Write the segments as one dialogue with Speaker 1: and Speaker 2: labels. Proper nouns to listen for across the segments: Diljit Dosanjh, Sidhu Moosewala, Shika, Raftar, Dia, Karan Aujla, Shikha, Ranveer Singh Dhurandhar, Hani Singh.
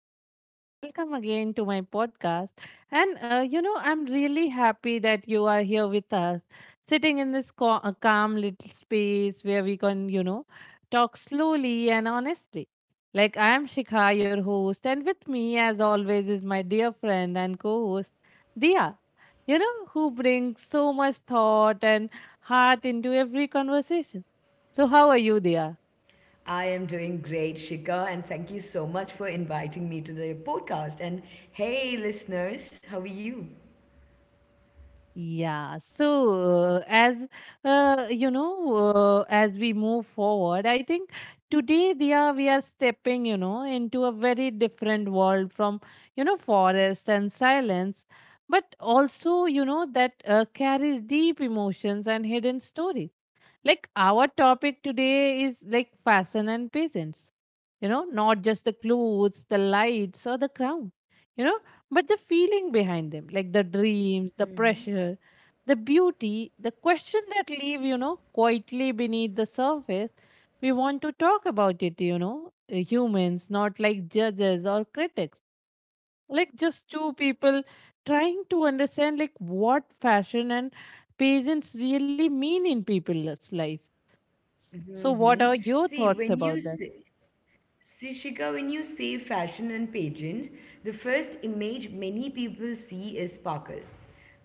Speaker 1: everyone, and welcome again to my podcast. I'm really happy that you are here with us, sitting in this calm little space where we can, talk slowly and honestly. I am Shikha, your host, and with me, as always, is my dear friend and co host, Dia, who brings so much thought and heart into every conversation. So, how are you, Dia?
Speaker 2: I am doing great, Shika, and thank you so much for inviting me to the podcast. And hey, listeners, how are you?
Speaker 1: Yeah, uh, you know, as we move forward, I think we are stepping, into a very different world from, forest and silence, but also, you know, that carries deep emotions and hidden stories. Like our topic today is like fashion and peasants. You know, not just the clothes, the lights, or the crown, you know, but the feeling behind them, like the dreams, the pressure, the beauty, the question that live, quietly beneath the surface. We want to talk about it, humans, not like judges or critics, like just two people trying to understand like what fashion and peasants really mean in people's life. So, what
Speaker 2: hmm
Speaker 1: are your
Speaker 2: See,
Speaker 1: thoughts about that?
Speaker 2: Shika, when you say fashion and pageants, the first image many people see is sparkle.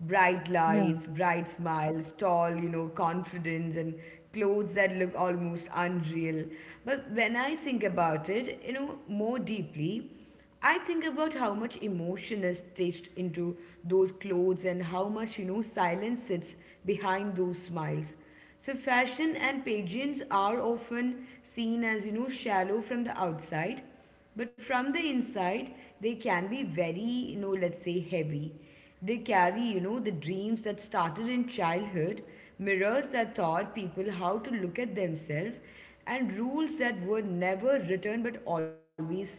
Speaker 2: Bright
Speaker 1: Yeah.
Speaker 2: lights, bright smiles, tall, confidence, and clothes that look almost unreal. But when I think about it, more deeply, I think about how much emotion is stitched into those clothes and how much, silence sits behind those smiles. So, fashion and pageants are often seen as, shallow from the outside, but from the inside, they can be very, let's say heavy. They carry, the dreams that started in childhood, mirrors that taught people how to look at themselves, and rules that were never written but always felt.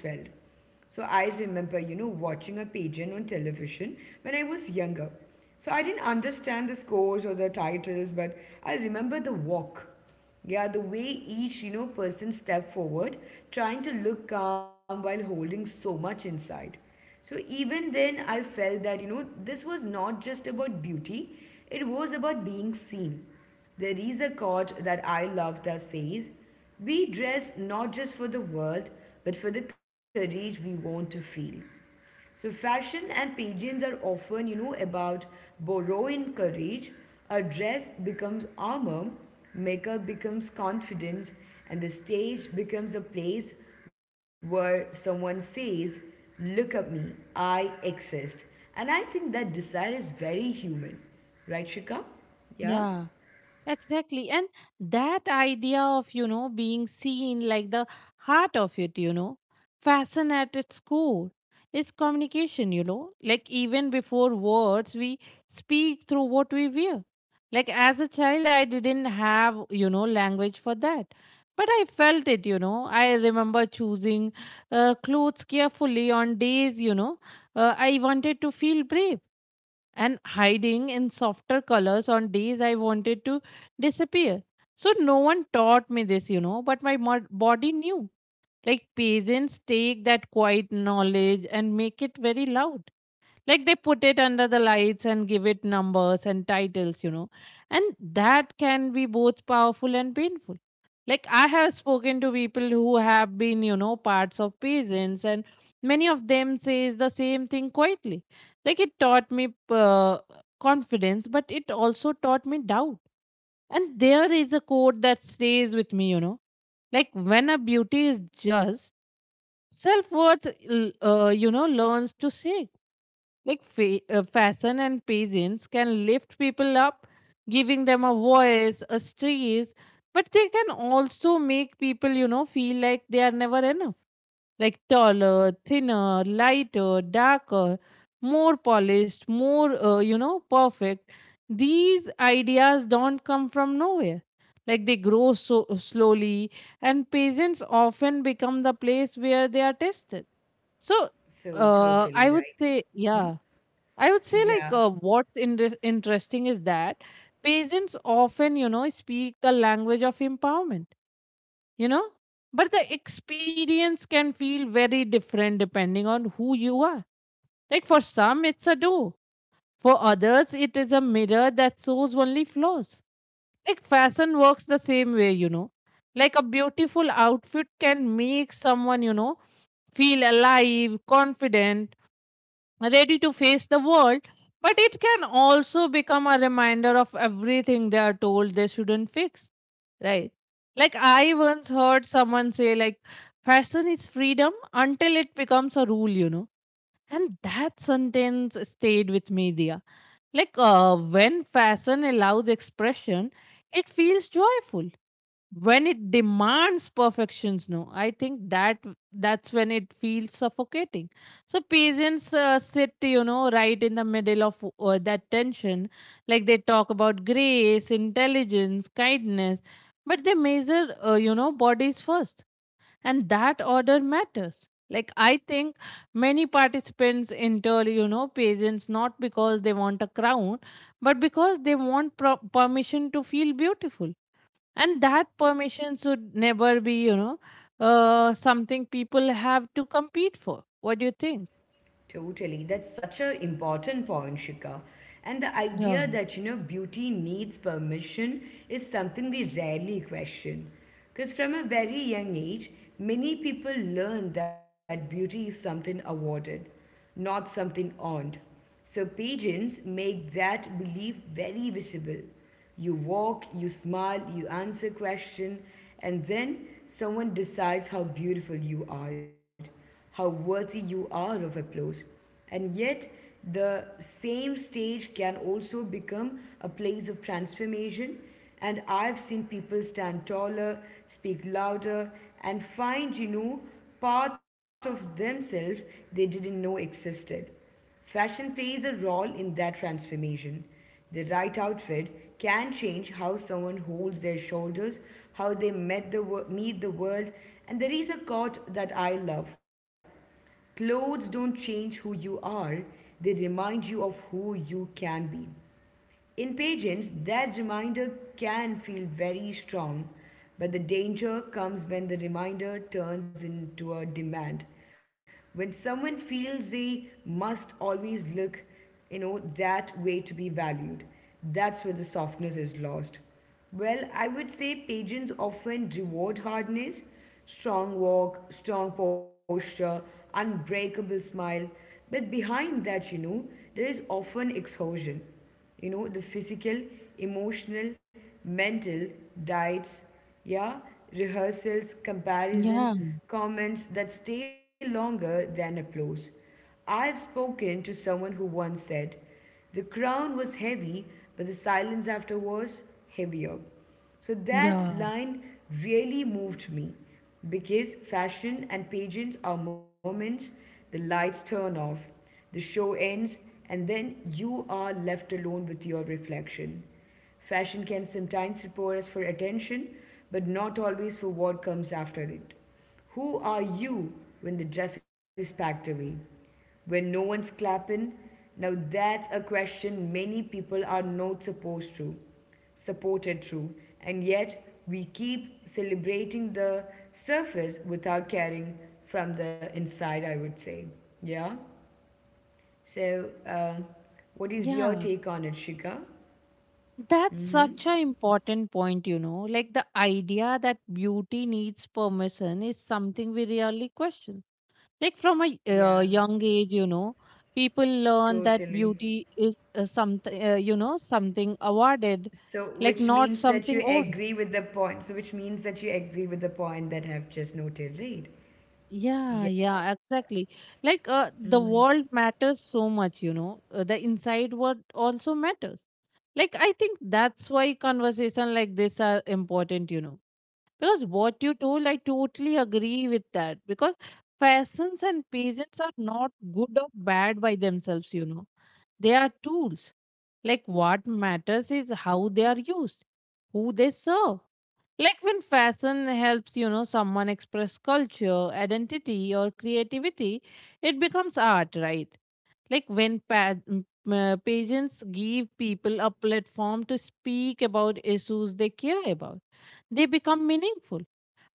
Speaker 2: So I remember, watching a pageant on television when I was younger. So I didn't understand the scores or the titles, but I remember the walk. Yeah, the way each, person stepped forward, trying to look calm while holding so much inside. So even then, I felt that, this was not just about beauty, it was about being seen. There is a quote that I love that says, "We dress not just for the world, but for the courage we want to feel." So, fashion and pageants are often, about borrowing courage. A dress becomes armor, makeup becomes confidence, and the stage becomes a place where someone says, "Look at me, I exist." And I think that desire is very human. Right, Shika? Yeah?
Speaker 1: Yeah, exactly. And that idea of, being seen like the heart of it, fashion at its core is communication, like even before words, we speak through what we wear. Like as a child, I didn't have, language for that. But I felt it. I remember choosing clothes carefully on days, I wanted to feel brave and hiding in softer colors on days I wanted to disappear. So no one taught me this, but my body knew. Like peasants take that quiet knowledge and make it very loud, like they put it under the lights and give it numbers and titles, and that can be both powerful and painful. Like I have spoken to people who have been, parts of peasants, and many of them says the same thing quietly, like it taught me confidence, but it also taught me doubt. And there is a quote that stays with me, like when a beauty is just self-worth learns to shake. Like fashion and peasants can lift people up, giving them a voice, a stage, but they can also make people, feel like they are never enough, like taller, thinner, lighter, darker, more polished, more perfect. These ideas don't come from nowhere, like they grow so slowly, and peasants often become the place where they are tested. So
Speaker 2: So totally
Speaker 1: I
Speaker 2: right.
Speaker 1: would say, yeah, I would say
Speaker 2: Yeah,
Speaker 1: what's interesting is that patients often, speak the language of empowerment, you know, but the experience can feel very different depending on who you are. Like for some, it's a door. For others, it is a mirror that shows only flaws. Like fashion works the same way, you know. Like a beautiful outfit can make someone, feel alive, confident, ready to face the world, but it can also become a reminder of everything they are told they shouldn't fix, right? Like I once heard someone say, like fashion is freedom until it becomes a rule, you know. And that sentence stayed with me, Dia. Like when fashion allows expression, it feels joyful. When it demands perfections, no I think that that's when it feels suffocating. So parents sit, you know, right in the middle of that tension. Like they talk about grace, intelligence, kindness, but they measure, bodies first, and that order matters. Like I think many participants enter, patients, not because they want a crown, but because they want permission to feel beautiful, and that permission should never be, something people have to compete for. What do you think?
Speaker 2: totally. That's such an important point, Shika. And the
Speaker 1: Yeah,
Speaker 2: idea that, beauty needs permission is something we rarely question. Because from a very young age, many people learn that beauty is something awarded, not something earned. So pageants make that belief very visible. You walk, you smile, you answer question, and then someone decides how beautiful you are, how worthy you are of applause. And yet, the same stage can also become a place of transformation. And I've seen people stand taller, speak louder, and find, part of themselves they didn't know existed. Fashion plays a role in that transformation. The right outfit can change how someone holds their shoulders, how they meet the world, and there is a quote that I love. Clothes don't change who you are, they remind you of who you can be. In patients, that reminder can feel very strong, but the danger comes when the reminder turns into a demand. When someone feels they must always look, that way to be valued, that's where the softness is lost. Well, I would say patients often reward hardness, strong walk, strong posture, unbreakable smile, but behind that, there is often exhaustion, the physical, emotional, mental, diets, yeah, rehearsals, comparison,
Speaker 1: yeah,
Speaker 2: comments that stay longer than applause. I've spoken to someone who once said, "The crown was heavy, but the silence after was heavier." So that
Speaker 1: yeah,
Speaker 2: line really moved me because fashion and pageants are moments. The lights turn off, the show ends, and then you are left alone with your reflection. Fashion can sometimes prepare us for attention, but not always for what comes after it. Who are you when the dress is packed away? When no one's clapping? Now that's a question many people are not supposed to supported through, and yet we keep celebrating the surface without caring from the inside, I would say. Yeah. So, what is your
Speaker 1: yeah,
Speaker 2: take on it, Shika?
Speaker 1: that's such an important point, you know, like the idea that beauty needs permission is something we really question. Like from a
Speaker 2: Yeah,
Speaker 1: young age, you know, people learn that
Speaker 2: totally.
Speaker 1: beauty is, something, something awarded,
Speaker 2: So,
Speaker 1: like
Speaker 2: which
Speaker 1: not
Speaker 2: means that
Speaker 1: something
Speaker 2: you
Speaker 1: owned.
Speaker 2: agree with the point. So, which means that you agree with the point that I've just noted, right?
Speaker 1: Yeah, yeah, exactly. Like the world matters so much, you know. The inside world also matters. Like I think that's why conversation like this are important, you know. Because what you told, I totally agree with that. Because peasants and peasants are not good or bad by themselves, you know. They are tools. Like what matters is how they are used, who they serve. Like when fashion helps, someone express culture, identity, or creativity, it becomes art, right? Like when pageants give people a platform to speak about issues they care about, they become meaningful.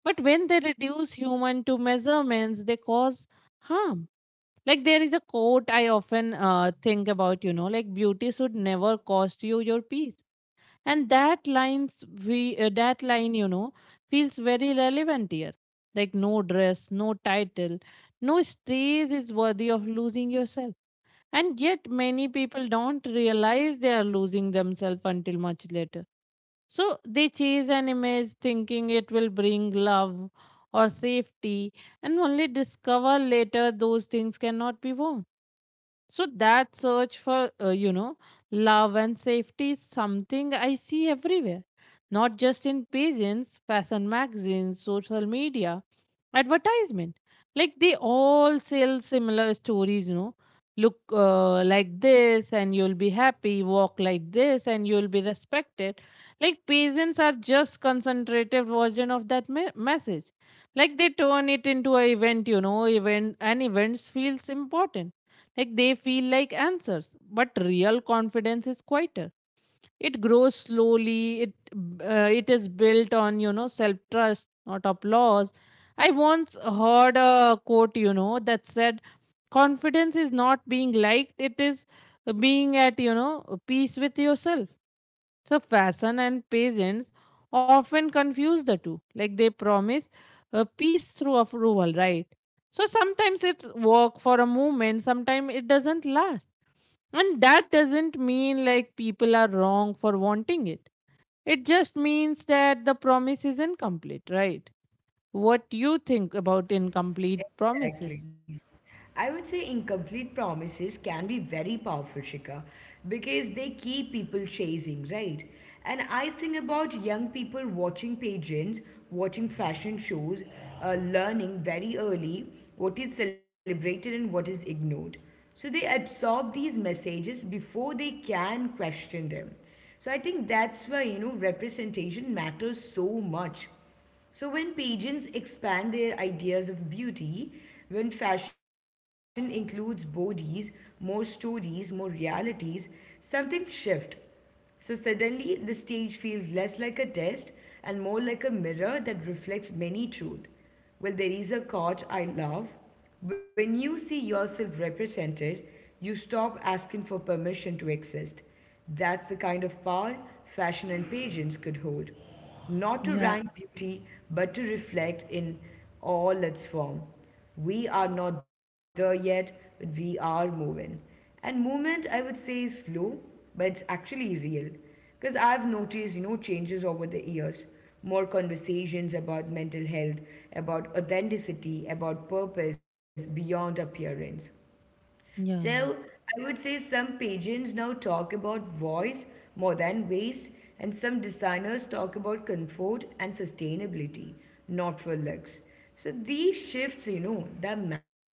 Speaker 1: But when they reduce human to measurements, they cause harm. Like there is a quote I often think about, you know, like beauty should never cost you your peace. And that line, you know, feels very relevant here. Like no dress, no title, no stage is worthy of losing yourself, and yet many people don't realize they are losing themselves until much later. So they chase an image thinking it will bring love or safety, and only discover later those things cannot be worn. So that search for, love and safety is something I see everywhere, not just in pageants, fashion magazines, social media, advertisement. Like they all sell similar stories, you know. Look like this and you'll be happy, walk like this and you'll be respected. Like pageants are just concentrated version of that message. Like they turn it into an event, you know, event, and events feels important, like they feel like answers, but real confidence is quieter. It grows slowly. It is built on, you know, self trust, not applause. I once heard a quote, you know, that said, "Confidence is not being liked; it is being at, you know, peace with yourself." So fashion and peasants often confuse the two. Like they promise a peace through approval, right? So sometimes it's work for a moment, sometimes it doesn't last, and that doesn't mean like people are wrong for wanting it. It just means that the promise is incomplete, right? What do you think about incomplete promises?
Speaker 2: Exactly. I would say incomplete promises can be very powerful, Shika, because they keep people chasing, right? And I think about young people watching pageants, watching fashion shows, learning very early what is celebrated and what is ignored. So they absorb these messages before they can question them. So I think that's why, representation matters so much. So, when pageants expand their ideas of beauty, when fashion includes bodies, more stories, more realities, something shifts. So suddenly, the stage feels less like a test and more like a mirror that reflects many truths. Well, there is a quote I love. "When you see yourself represented, you stop asking for permission to exist." That's the kind of power fashion and pageants could hold. Not to
Speaker 1: Yeah,
Speaker 2: rank beauty, but to reflect in all its form. We are not there yet, but we are moving. And movement, I would say, is slow, but it's actually real. Because I've noticed, changes over the years. More conversations about mental health, about authenticity, about purpose beyond appearance. So
Speaker 1: yeah.
Speaker 2: I would say some patrons now talk about voice more than waste, and some designers talk about comfort and sustainability, not for looks. So these shifts, that matter.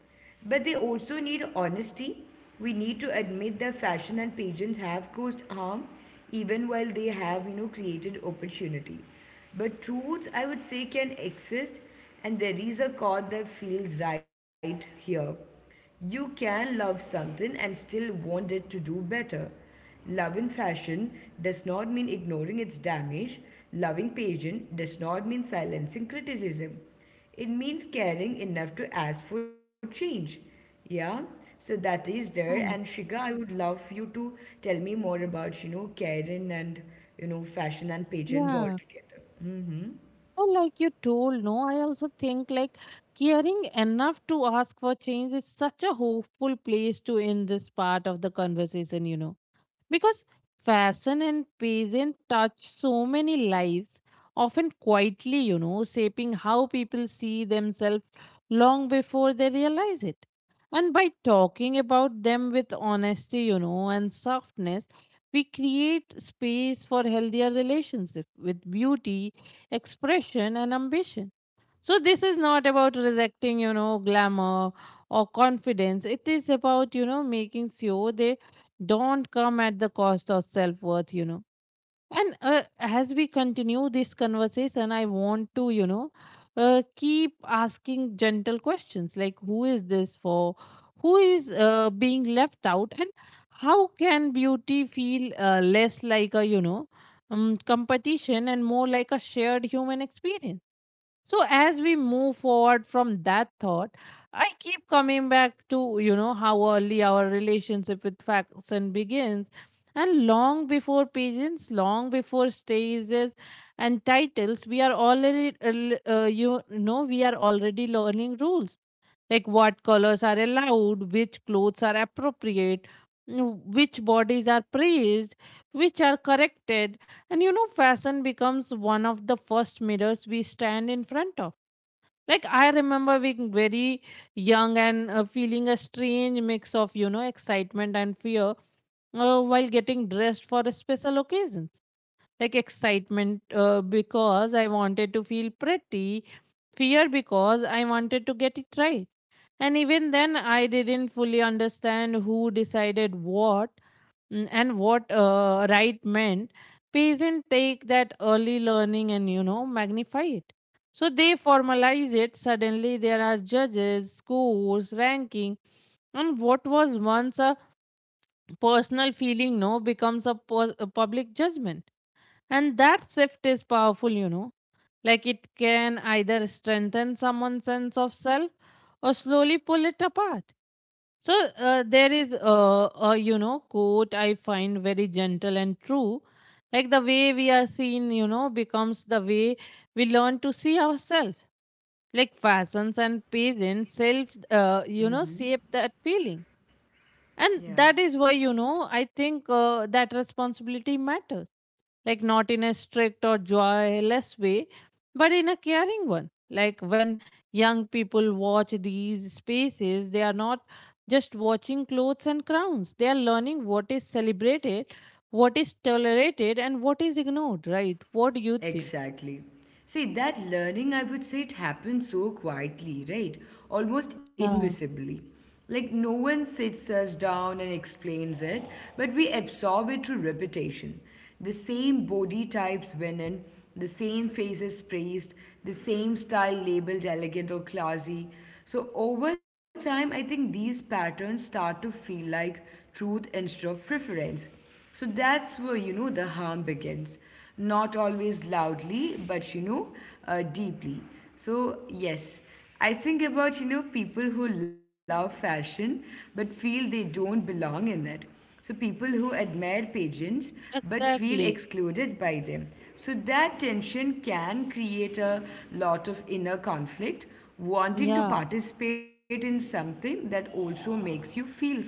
Speaker 2: But they also need honesty. We need to admit that fashion and pageants have caused harm, even while they have, created opportunity. But truths, I would say, can exist, and there is a chord that feels right here. You can love something and still want it to do better. Love in fashion does not mean ignoring its damage. Loving pageant does not mean silencing criticism. It means caring enough to ask for change. Yeah, so that is there. And
Speaker 1: Hmm.
Speaker 2: Shiga, I would love you to tell me more about, caring and, fashion and pageants all
Speaker 1: Yeah.
Speaker 2: together.
Speaker 1: Well, like you told, no, I also think like caring enough to ask for change is such a hopeful place to end this part of the conversation, you know. Because fashion and pageant touch so many lives, often quietly, you know, shaping how people see themselves long before they realize it. And by talking about them with honesty, and softness, we create space for healthier relationships with beauty, expression, and ambition. So this is not about rejecting, glamour or confidence. It is about, making sure they don't come at the cost of self-worth, you know. And as we continue this conversation, I want to, keep asking gentle questions like who is this for? Who is being left out? And how can beauty feel less like a, competition and more like a shared human experience? So as we move forward from that thought, I keep coming back to, you know, how early our relationship with fashion begins, and long before pageants, long before stages and titles, we are already we are already learning rules, like what colors are allowed, which clothes are appropriate, which bodies are praised, which are corrected. And you know, fashion becomes one of the first mirrors we stand in front of. Like, I remember being very young and feeling a strange mix of, excitement and fear while getting dressed for special occasions. Like excitement because I wanted to feel pretty, fear because I wanted to get it right. And even then, I didn't fully understand who decided what, and what right meant. Peasant take that early learning and, magnify it. So they formalize it. Suddenly, there are judges, scores, ranking, and what was once a personal feeling now becomes a public judgment. And that shift is powerful, you know. Like it can either strengthen someone's sense of self or slowly pull it apart. So there is a, you know, quote I find very gentle and true, like the way we are seen, you know, becomes the way we learn to see ourselves. Like fashions and pageants, you know, shape that feeling, and
Speaker 2: Yeah.
Speaker 1: that is why, you know, I think that responsibility matters, like not in a strict or joyless way, but in a caring one. Like when young people watch these spaces, they are not just watching clothes and crowns, they are learning what is celebrated, what is tolerated, and what is ignored, right? What do you think?
Speaker 2: Exactly. See, that learning, I would say it happens so quietly, right? Almost
Speaker 1: Yeah,
Speaker 2: invisibly. Like, no one sits us down and explains it, but we absorb it through repetition. The same body types win in, the same faces praised, the same style labeled elegant or classy. So, over time, I think these patterns start to feel like truth instead of preference. So that's where, the harm begins. Not always loudly, but, deeply. So, yes, I think about, people who love fashion but feel they don't belong in it. So, people who admire pageants but feel
Speaker 1: exactly.
Speaker 2: excluded by them. So, that tension can create a lot of inner conflict, wanting to
Speaker 1: Yeah,
Speaker 2: participate in something that also makes you feel small.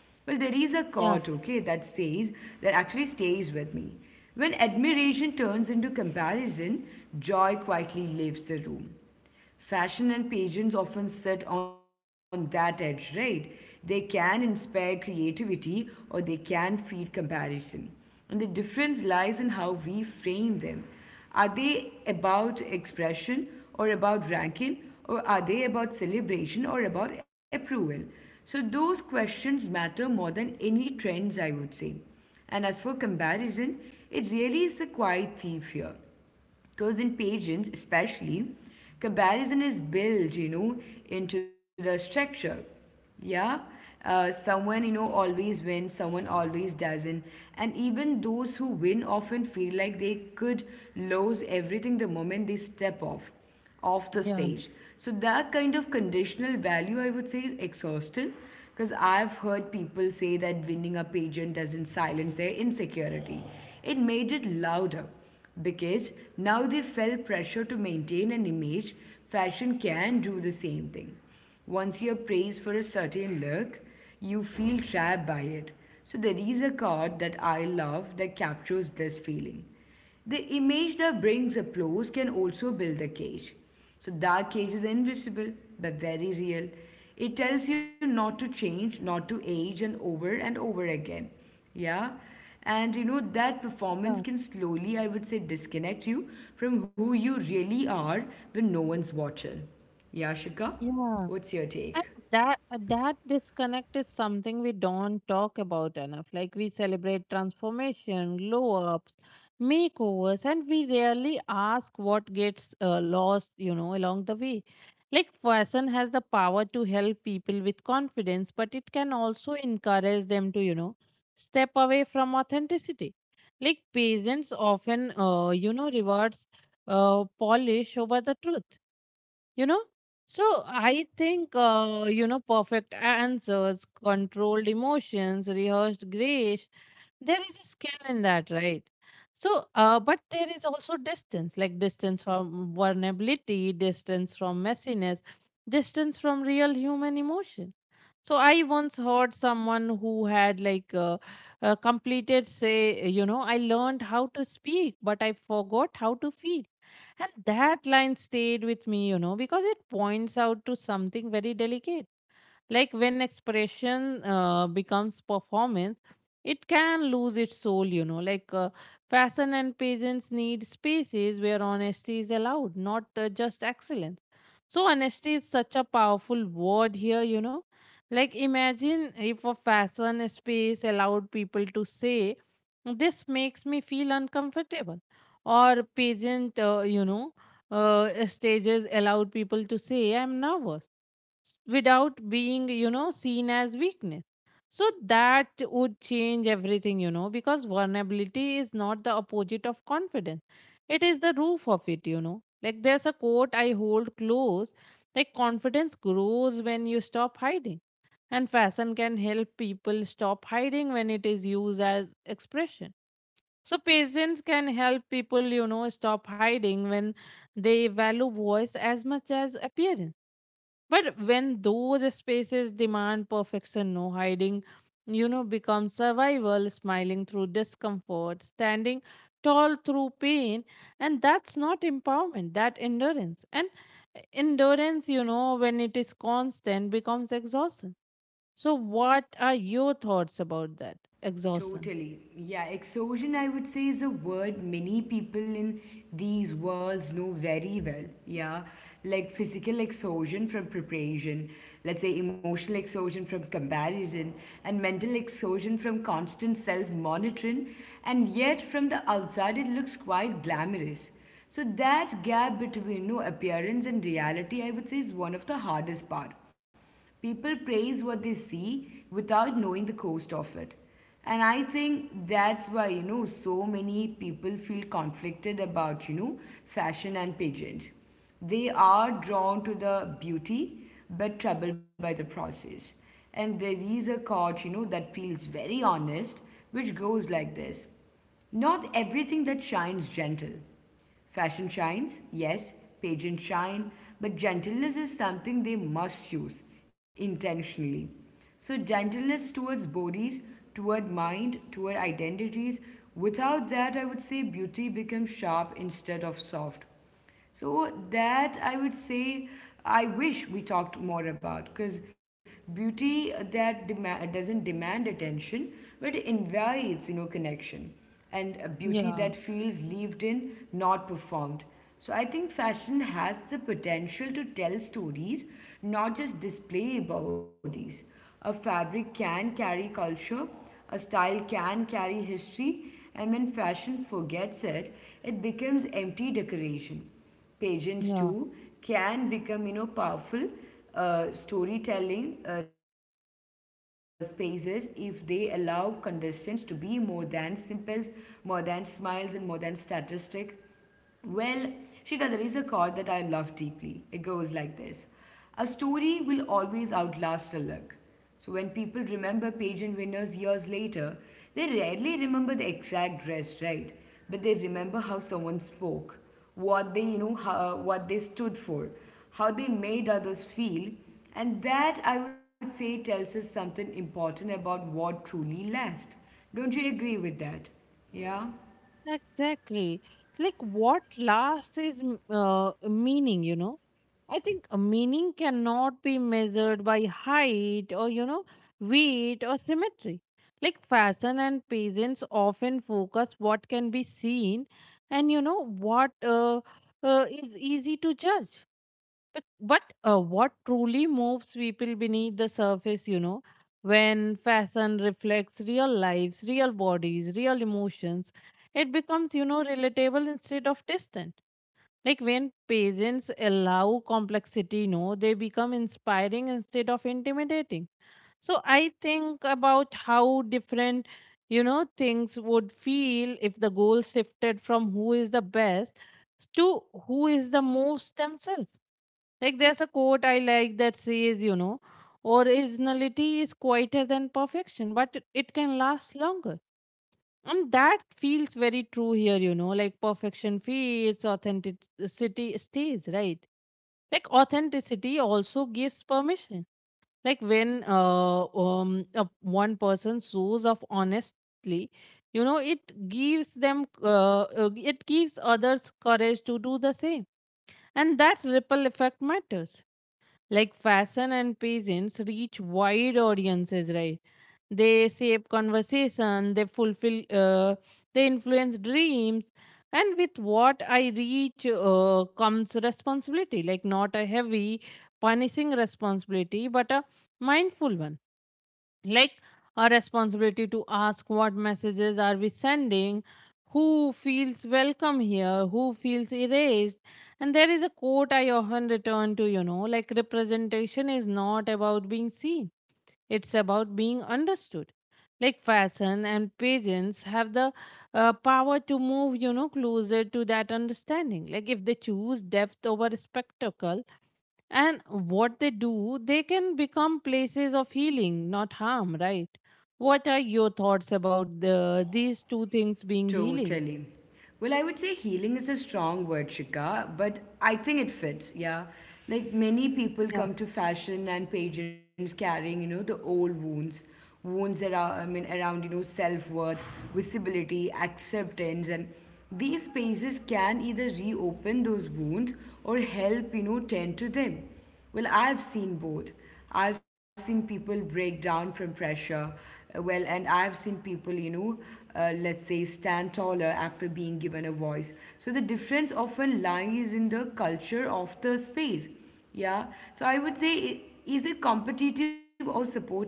Speaker 2: Well, there is a quote,
Speaker 1: yeah,
Speaker 2: okay, that says, that actually stays with me. When admiration turns into comparison, joy quietly leaves the room. Fashion and pageants often sit on that edge, right? They can inspire creativity or they can feed comparison. And the difference lies in how we frame them. Are they about expression or about ranking, or are they about celebration or about approval? So those questions matter more than any trends, I would say. And as for comparison, it really is a quiet thief here because in pageants especially comparison is built, into the structure. Yeah, someone, always wins, someone always doesn't, and even those who win often feel like they could lose everything the moment they step off the
Speaker 1: yeah,
Speaker 2: stage. So that kind of conditional value, I would say, is exhausting because I've heard people say that winning a pageant doesn't silence their insecurity. It made it louder because now they felt pressure to maintain an image. Fashion can do the same thing. Once you're praised for a certain look, you feel trapped by it. So there is a card that I love that captures this feeling. The image that brings applause can also build a cage. So that cage is invisible but very real. It tells you not to change, not to age, and over again. Yeah? And that performance
Speaker 1: yeah,
Speaker 2: can slowly, I would say, disconnect you from who you really are when no one's watching. Yeah, Shika?
Speaker 1: yeah.
Speaker 2: What's your
Speaker 1: And
Speaker 2: take?
Speaker 1: that disconnect is something we don't talk about enough. Like we celebrate transformation, glow ups, makeovers, and we rarely ask what gets lost, you know, along the way. Like fashion has the power to help people with confidence, but it can also encourage them to, you know, step away from authenticity. Like patients often, you know, rewards polish over the truth, you know. So I think you know, perfect answers, controlled emotions, rehearsed grace, there is a skill in that, right? So but there is also distance, like distance from vulnerability, distance from messiness, distance from real human emotion. So I once heard someone who had like completed say, you know, I learned how to speak but I forgot how to feel. And that line stayed with me, you know, because it points out to something very delicate. Like when expression becomes performance, it can lose its soul, you know. Like fashion and peasants need spaces where honesty is allowed, not just excellence. So, honesty is such a powerful word here, you know. Like, imagine if a fashion space allowed people to say, this makes me feel uncomfortable. Or, pageant, you know, stages allowed people to say, I'm nervous without being, you know, seen as weakness. So that would change everything, you know, because vulnerability is not the opposite of confidence. It is the roof of it, you know. Like there's a quote I hold close, like confidence grows when you stop hiding. And fashion can help people stop hiding when it is used as expression. So patience can help people, you know, stop hiding when they value voice as much as appearance, but when those spaces demand perfection, no hiding, you know, becomes survival, smiling through discomfort, standing tall through pain. And that's not empowerment, that endurance. And endurance, you know, when it is constant, becomes exhaustion. So, what are your thoughts about that exhaustion?
Speaker 2: Totally. Yeah, exhaustion, I would say, is a word many people in these worlds know very well. Yeah, like physical exhaustion from preparation, let's say emotional exhaustion from comparison, and mental exhaustion from constant self monitoring. And yet, from the outside, it looks quite glamorous. So, that gap between no appearance and reality, I would say, is one of the hardest part. People praise what they see without knowing the cost of it. And I think that's why, so many people feel conflicted about, fashion and pageant. They are drawn to the beauty but troubled by the process. And there is a quote, that feels very honest, which goes like this. Not everything that shines gentle. Fashion shines, yes, pageants shine, but gentleness is something they must choose intentionally. So, gentleness towards bodies, toward mind, toward identities. Without that, I would say beauty becomes sharp instead of soft. So that I would say I wish we talked more about because beauty doesn't demand attention but invites connection and a beauty
Speaker 1: Yeah,
Speaker 2: that feels lived in, not performed. So I think fashion has the potential to tell stories, not just display bodies. A fabric can carry culture, a style can carry history, and when fashion forgets it, it becomes empty decoration. Pageants,
Speaker 1: yeah.
Speaker 2: too, can become, you know, powerful storytelling spaces if they allow contestants to be more than simples, more than smiles, and more than statistic. Well, Shita, there is a quote that I love deeply. It goes like this: a story will always outlast a look. So when people remember pageant winners years later, they rarely remember the exact dress, right? But they remember how someone spoke, what they, you know, how, what they stood for, how they made others feel, and that, I would say, tells us something important about what truly lasts. Don't you agree with that? Yeah?
Speaker 1: Exactly. Like, what last is meaning, you know? I think a meaning cannot be measured by height or, you know, weight or symmetry. Like fashion and peasants often focus what can be seen and, you know, what is easy to judge. But what truly moves people beneath the surface, you know, when fashion reflects real lives, real bodies, real emotions, it becomes, you know, relatable instead of distant. Like when parents allow complexity, no, they become inspiring instead of intimidating. So I think about how different, you know, things would feel if the goal shifted from who is the best to who is the most themselves. Like there's a quote I like that says, you know, originality is quieter than perfection, but it can last longer, and that feels very true here, you know, like perfection feels, authenticity stays, right? Like authenticity also gives permission. Like when one person shows off honestly, you know, it gives others courage to do the same. And that ripple effect matters. Like fashion and pageants reach wide audiences, right? They shape conversation, they influence dreams. And with what I reach comes responsibility, like not a heavy, punishing responsibility, but a mindful one. Like a responsibility to ask what messages are we sending, who feels welcome here, who feels erased. And there is a quote I often return to, you know, like representation is not about being seen, it's about being understood. Like fashion and pageants have the power to move, you know, closer to that understanding. Like if they choose depth over spectacle and what they do, they can become places of healing, not harm, right? What are your thoughts about the, these two things being healing?
Speaker 2: Totally. Well, I would say healing is a strong word, Shika, but I think it fits, yeah. Like many people
Speaker 1: Yeah.
Speaker 2: come to fashion and pageants carrying, you know, the old wounds. Wounds around, I mean, around, you know, self-worth, visibility, acceptance, and these spaces can either reopen those wounds or help, you know, tend to them. Well, I've seen both. I've seen people break down from pressure. Well, and I've seen people, you know, let's say stand taller after being given a voice. So the difference often lies in the culture of the space. Yeah. So I would say, is it competitive or supportive?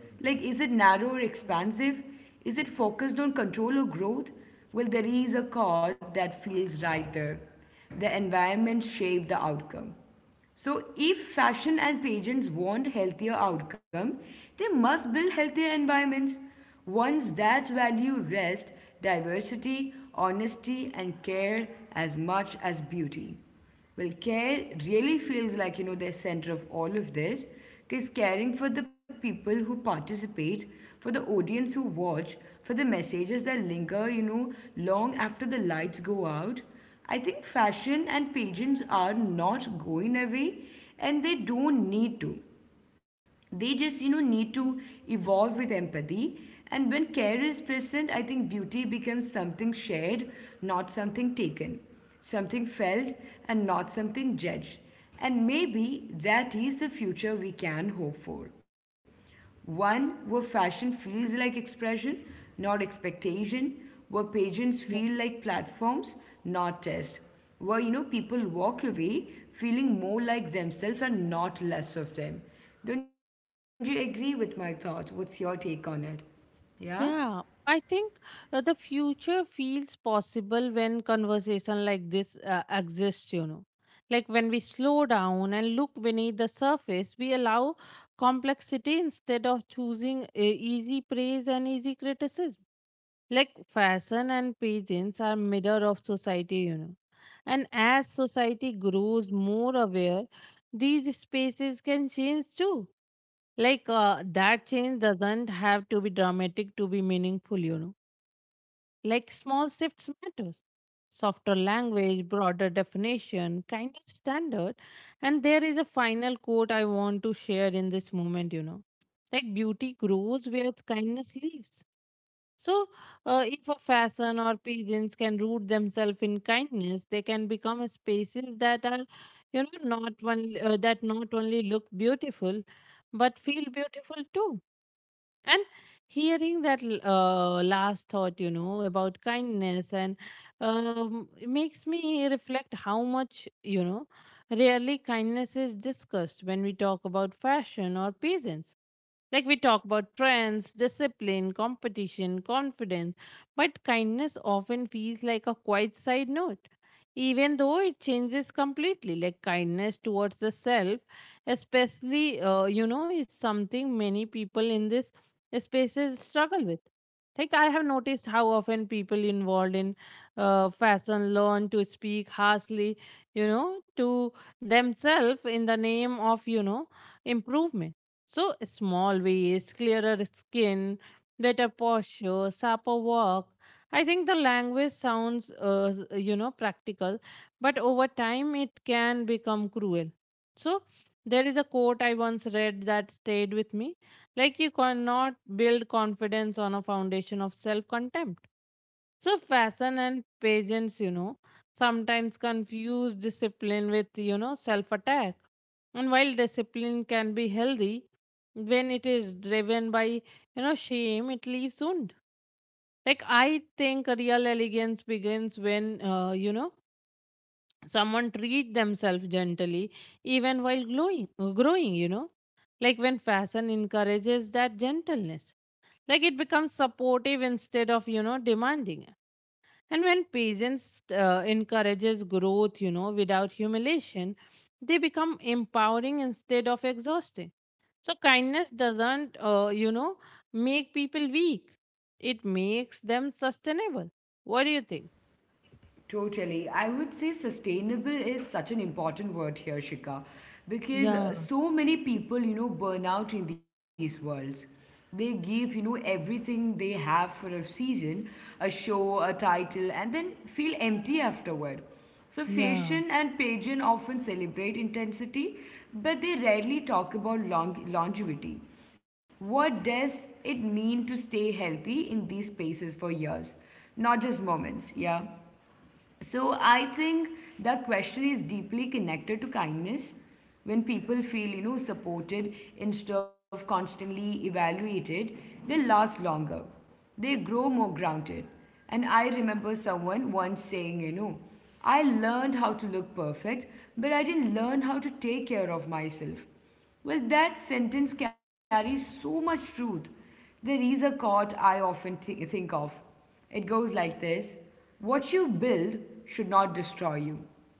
Speaker 2: Like, is it narrow or expansive? Is it focused on control or growth? Well, there is a chord that feels right there. The environment shaped the outcome. So if fashion and pageants want healthier outcome, they must build healthier environments, ones that value rest, diversity, honesty, and care as much as beauty. Well, care really feels like, you know, the center of all of this, because caring for the people who participate, for the audience who watch, for the messages that linger, you know, long after the lights go out. I think fashion and pageants are not going away, and they don't need to. They just, you know, need to evolve with empathy. And when care is present, I think beauty becomes something shared, not something taken, something felt, and not something judged. And maybe that is the future we can hope for, one where fashion feels like expression, not expectation, where pageants
Speaker 1: Yeah.
Speaker 2: feel like platforms, not tests, where, you know, people walk away feeling more like themselves and not less of them. Don't you agree with my thoughts? What's your take on it? Yeah?
Speaker 1: Yeah, I think the future feels possible when conversation like this exists, you know. Like when we slow down and look beneath the surface, we allow complexity instead of choosing easy praise and easy criticism. Like fashion and pageants are mirror of society, you know. And as society grows more aware, these spaces can change too. Like that change doesn't have to be dramatic to be meaningful, you know, like small shifts matters, softer language, broader definition, kinder standard. And there is a final quote I want to share in this moment, you know, like beauty grows where kindness lives. So if a fashion or pigeons can root themselves in kindness, they can become a spaces that are, you know, not one that not only look beautiful but feel beautiful too. And hearing that last thought, you know, about kindness, and it makes me reflect how much, you know, rarely kindness is discussed when we talk about fashion or peasants. Like we talk about trends, discipline, competition, confidence, but kindness often feels like a quiet side note, even though it changes completely. Like kindness towards the self, especially, you know, is something many people in this spaces struggle with. Like I have noticed how often people involved in fashion learn to speak harshly, you know, to themselves in the name of, you know, improvement. So small waist, clearer skin, better posture, sharper walk. I think the language sounds, you know, practical, but over time it can become cruel. So there is a quote I once read that stayed with me, like you cannot build confidence on a foundation of self-contempt. So fashion and pageants, you know, sometimes confuse discipline with, you know, self-attack. And while discipline can be healthy, when it is driven by, you know, shame, it leaves wound. Like I think real elegance begins when, you know, someone treat themselves gently, even while glowing, growing, you know. Like when fashion encourages that gentleness, like it becomes supportive instead of, you know, demanding. And when patience encourages growth, you know, without humiliation, they become empowering instead of exhausting. So kindness doesn't, you know, make people weak. It makes them sustainable. What do you think?
Speaker 2: Totally. I would say sustainable is such an important word here, Shika, because
Speaker 1: Yeah,
Speaker 2: so many people, you know, burn out in these worlds. They give, you know, everything they have for a season, a show, a title, and then feel empty afterward. So
Speaker 1: yeah,
Speaker 2: fashion and pageant often celebrate intensity, but they rarely talk about longevity. What does it mean to stay healthy in these spaces for years? Not just moments, yeah. So I think the question is deeply connected to kindness. When people feel, you know, supported instead of constantly evaluated, they last longer. They grow more grounded. And I remember someone once saying, you know, I learned how to look perfect, but I didn't learn how to take care of myself. Well, that sentence carries so much truth. There is a quote I often think of. It goes like this: what you build should not destroy you.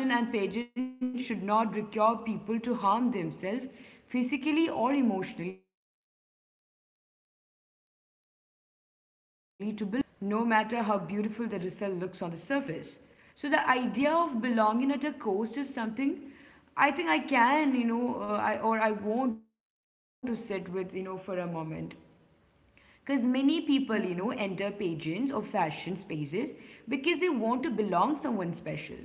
Speaker 2: Fashion and pageants should not require people to harm themselves physically or emotionally to belong. So when they do, something has gone wrong, no matter how beautiful the result looks on the surface. So the idea of belonging at a coast is something I think I can, you know, I, or I want to sit with, you know, for a moment. Because many people, you know, enter pageants or fashion spaces because they want to belong someone special.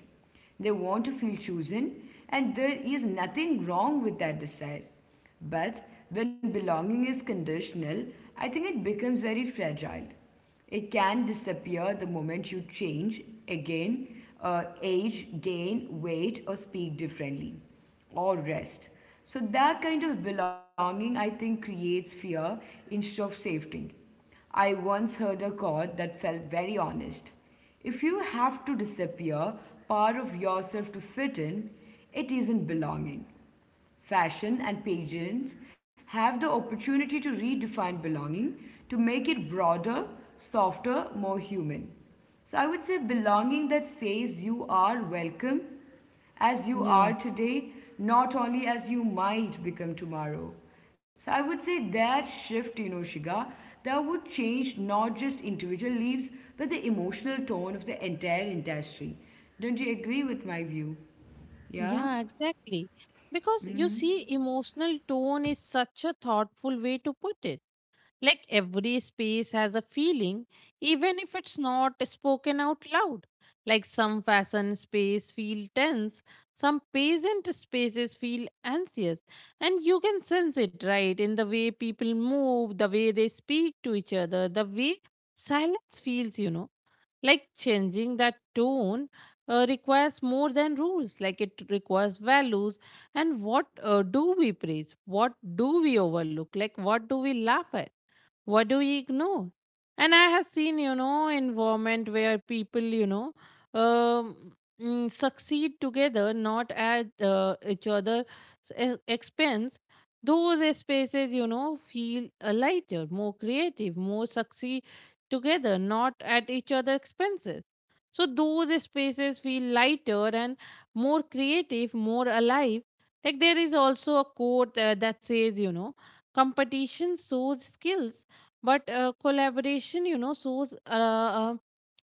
Speaker 2: They want to feel chosen, and there is nothing wrong with that desire. But when belonging is conditional, I think it becomes very fragile. It can disappear the moment you change again, age, gain weight, or speak differently, or rest. So that kind of belonging, I think, creates fear instead of safety. I once heard a quote that felt very honest. If you have to disappear part of yourself to fit in, it isn't belonging. Fashion and pageants have the opportunity to redefine belonging, to make it broader, softer, more human. So I would say belonging that says you are welcome as you
Speaker 1: yeah.
Speaker 2: are today, not only as you might become tomorrow. So I would say that shift, you know, Shiga, that would change not just individual lives, but the emotional tone of the entire industry. Don't you agree with my view? Yeah?
Speaker 1: Yeah, exactly. Because you see, emotional tone is such a thoughtful way to put it. Like every space has a feeling, even if it's not spoken out loud. Like some fashion space feel tense, some patient spaces feel anxious, and you can sense it right in the way people move, the way they speak to each other, the way silence feels, you know. Like changing that tone requires more than rules, like it requires values. And what do we praise? What do we overlook? Like what do we laugh at? What do we ignore? And I have seen, you know, environment where people, you know, um, succeed together not at each other's expense. Those spaces, you know, feel lighter, more creative, more succeed together not at each other's expenses. So those spaces feel lighter and more creative, more alive. Like there is also a quote that says, you know, competition shows skills, but collaboration, you know, shows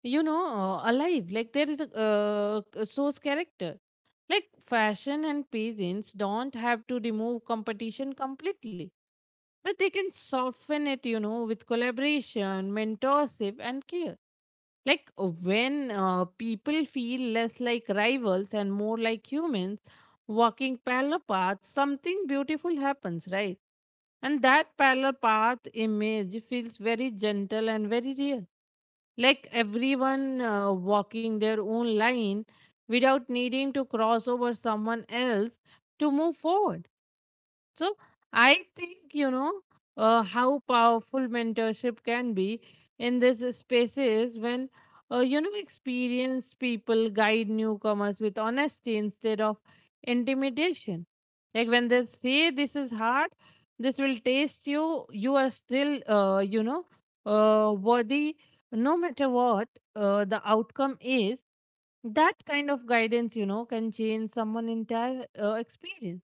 Speaker 1: you know, alive, like there is a shows character. Like fashion and peasants don't have to remove competition completely, but they can soften it, you know, with collaboration, mentorship and care. Like when people feel less like rivals and more like humans walking parallel paths, something beautiful happens, right? And that parallel path image feels very gentle and very real. Like everyone walking their own line without needing to cross over someone else to move forward. So I think, you know, how powerful mentorship can be in this spaces when, you know, experienced people guide newcomers with honesty instead of intimidation. Like when they say this is hard, this will taste you, you are still, you know, worthy no matter what the outcome is. That kind of guidance, you know, can change someone' entire experience.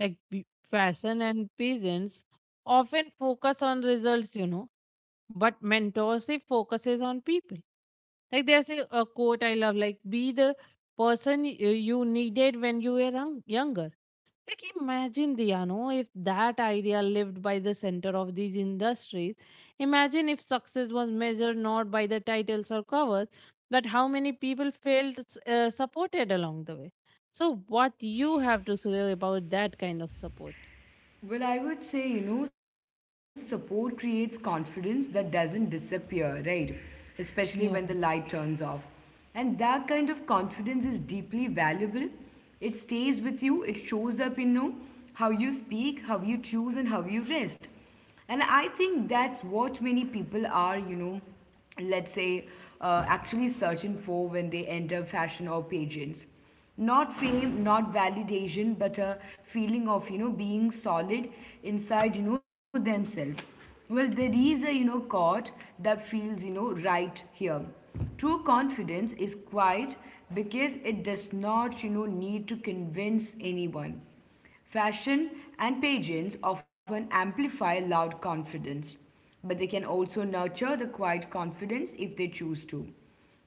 Speaker 1: Like fashion and peasants often focus on results, you know, but mentorship focuses on people. Like there's a quote I love, like be the person you needed when you were younger. Like imagine the, you know, if that idea lived by the center of these industries. Imagine if success was measured not by the titles or covers, but how many people felt supported along the way. So what you have to say about that kind of support?
Speaker 2: Well, I would say, you know, support creates confidence that doesn't disappear, right? Especially when the
Speaker 1: Yeah,
Speaker 2: light turns off. And that kind of confidence is deeply valuable. It stays with you, it shows up in, you know, how you speak, how you choose, and how you rest. And I think that's what many people are, you know, let's say, actually searching for when they enter fashion or pageants. Not fame, not validation, but a feeling of, you know, being solid inside, you know, themselves. Well, there is a, you know, chord that feels, you know, right here. True confidence is quiet because it does not, you know, need to convince anyone. Fashion and pageants often amplify loud confidence, but they can also nurture the quiet confidence if they choose to.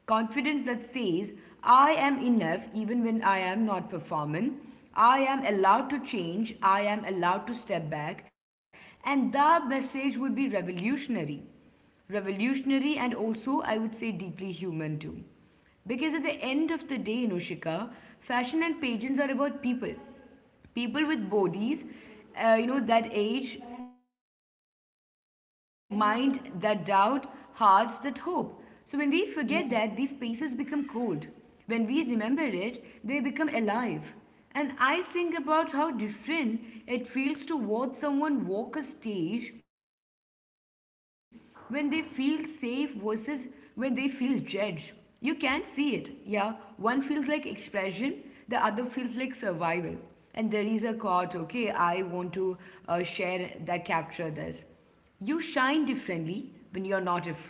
Speaker 2: Confidence that says, I am enough even when I am not performing. I am allowed to change. I am allowed to step back. And that message would be revolutionary. Revolutionary and also, I would say, deeply human too. Because at the end of the day, you know, Shika, fashion and pageants are about people, people with bodies, you know, that age, mind that doubt, hearts that hope. So when we forget that, these spaces become
Speaker 1: yeah,
Speaker 2: cold. When we remember it, they become alive. And I think about how different it feels to watch someone walk a stage when they feel safe versus when they feel judged. You can't see it. Yeah, one feels like expression, the other feels like survival. And there is a quote, okay, I want to share that capture this. You shine differently when you're not afraid.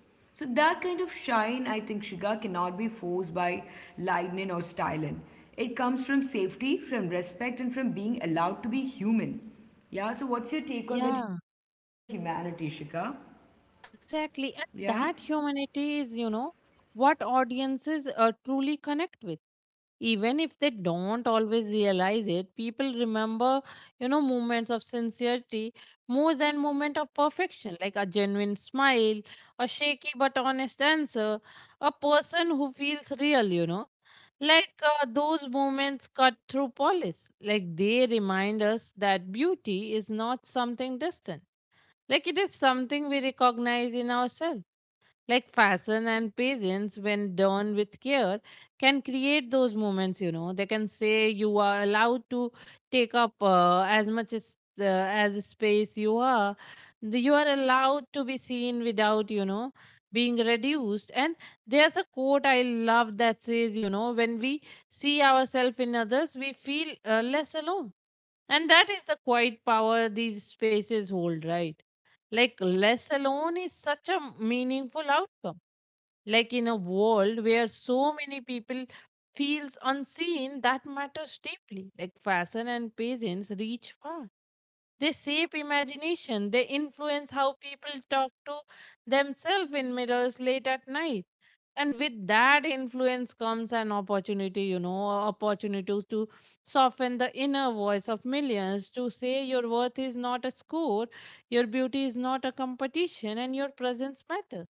Speaker 2: So that kind of shine, I think, Shiga, cannot be forced by lightning or styling. It comes from safety, from respect, and from being allowed to be human. Yeah, so what's your take on
Speaker 1: yeah.
Speaker 2: that humanity, Shika?
Speaker 1: Exactly,
Speaker 2: Yeah?
Speaker 1: and that humanity is, you know, what audiences truly connect with. Even if they don't always realize it, people remember, you know, moments of sincerity more than moment of perfection. Like a genuine smile, a shaky but honest answer, a person who feels real, you know. Like those moments cut through polish. Like they remind us that beauty is not something distant. Like it is something we recognize in ourselves. Like fashion and patience, when done with care, can create those moments, you know. They can say you are allowed to take up as much as space you are. You are allowed to be seen without, you know, being reduced. And there's a quote I love that says, you know, when we see ourselves in others we feel less alone, and that is the quiet power these spaces hold, right? Like less alone is such a meaningful outcome. Like in a world where so many people feels unseen, that matters deeply. Like fashion and patience reach far. They shape imagination, they influence how people talk to themselves in mirrors late at night. And with that influence comes an opportunity, you know, opportunities to soften the inner voice of millions, to say your worth is not a score, your beauty is not a competition, and your presence matters.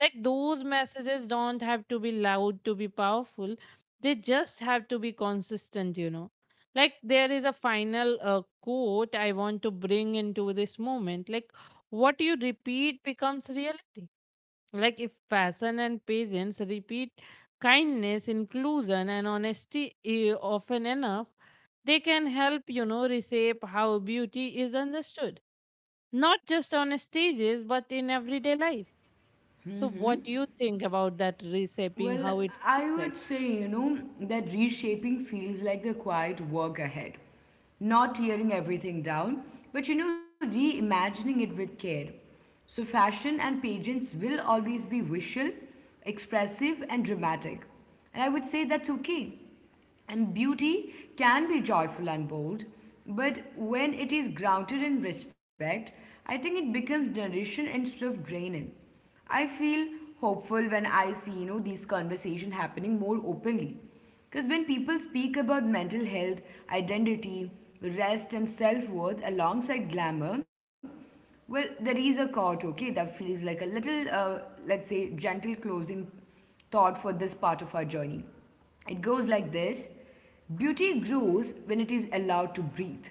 Speaker 1: Like those messages don't have to be loud to be powerful, they just have to be consistent, you know. Like there is a final quote I want to bring into this moment. Like what you repeat becomes reality. Like if fashion and patience repeat kindness, inclusion and honesty often enough, they can help, you know, reshape how beauty is understood, not just on stages but in everyday life. So what do you think about that reshaping?
Speaker 2: Well,
Speaker 1: How it
Speaker 2: I
Speaker 1: feels like?
Speaker 2: would say, you know, that reshaping feels like the quiet work ahead. Not tearing everything down, but, you know, reimagining it with care. So fashion and pageants will always be visual, expressive, and dramatic. And I would say that's okay. And beauty can be joyful and bold, but when it is grounded in respect, I think it becomes nourishing instead of draining. I feel hopeful when I see, you know, these conversations happening more openly. Because when people speak about mental health, identity, rest, and self worth alongside glamour, well, there is a thought, okay, that feels like a little, let's say, gentle closing thought for this part of our journey. It goes like this: beauty grows when it is allowed to breathe.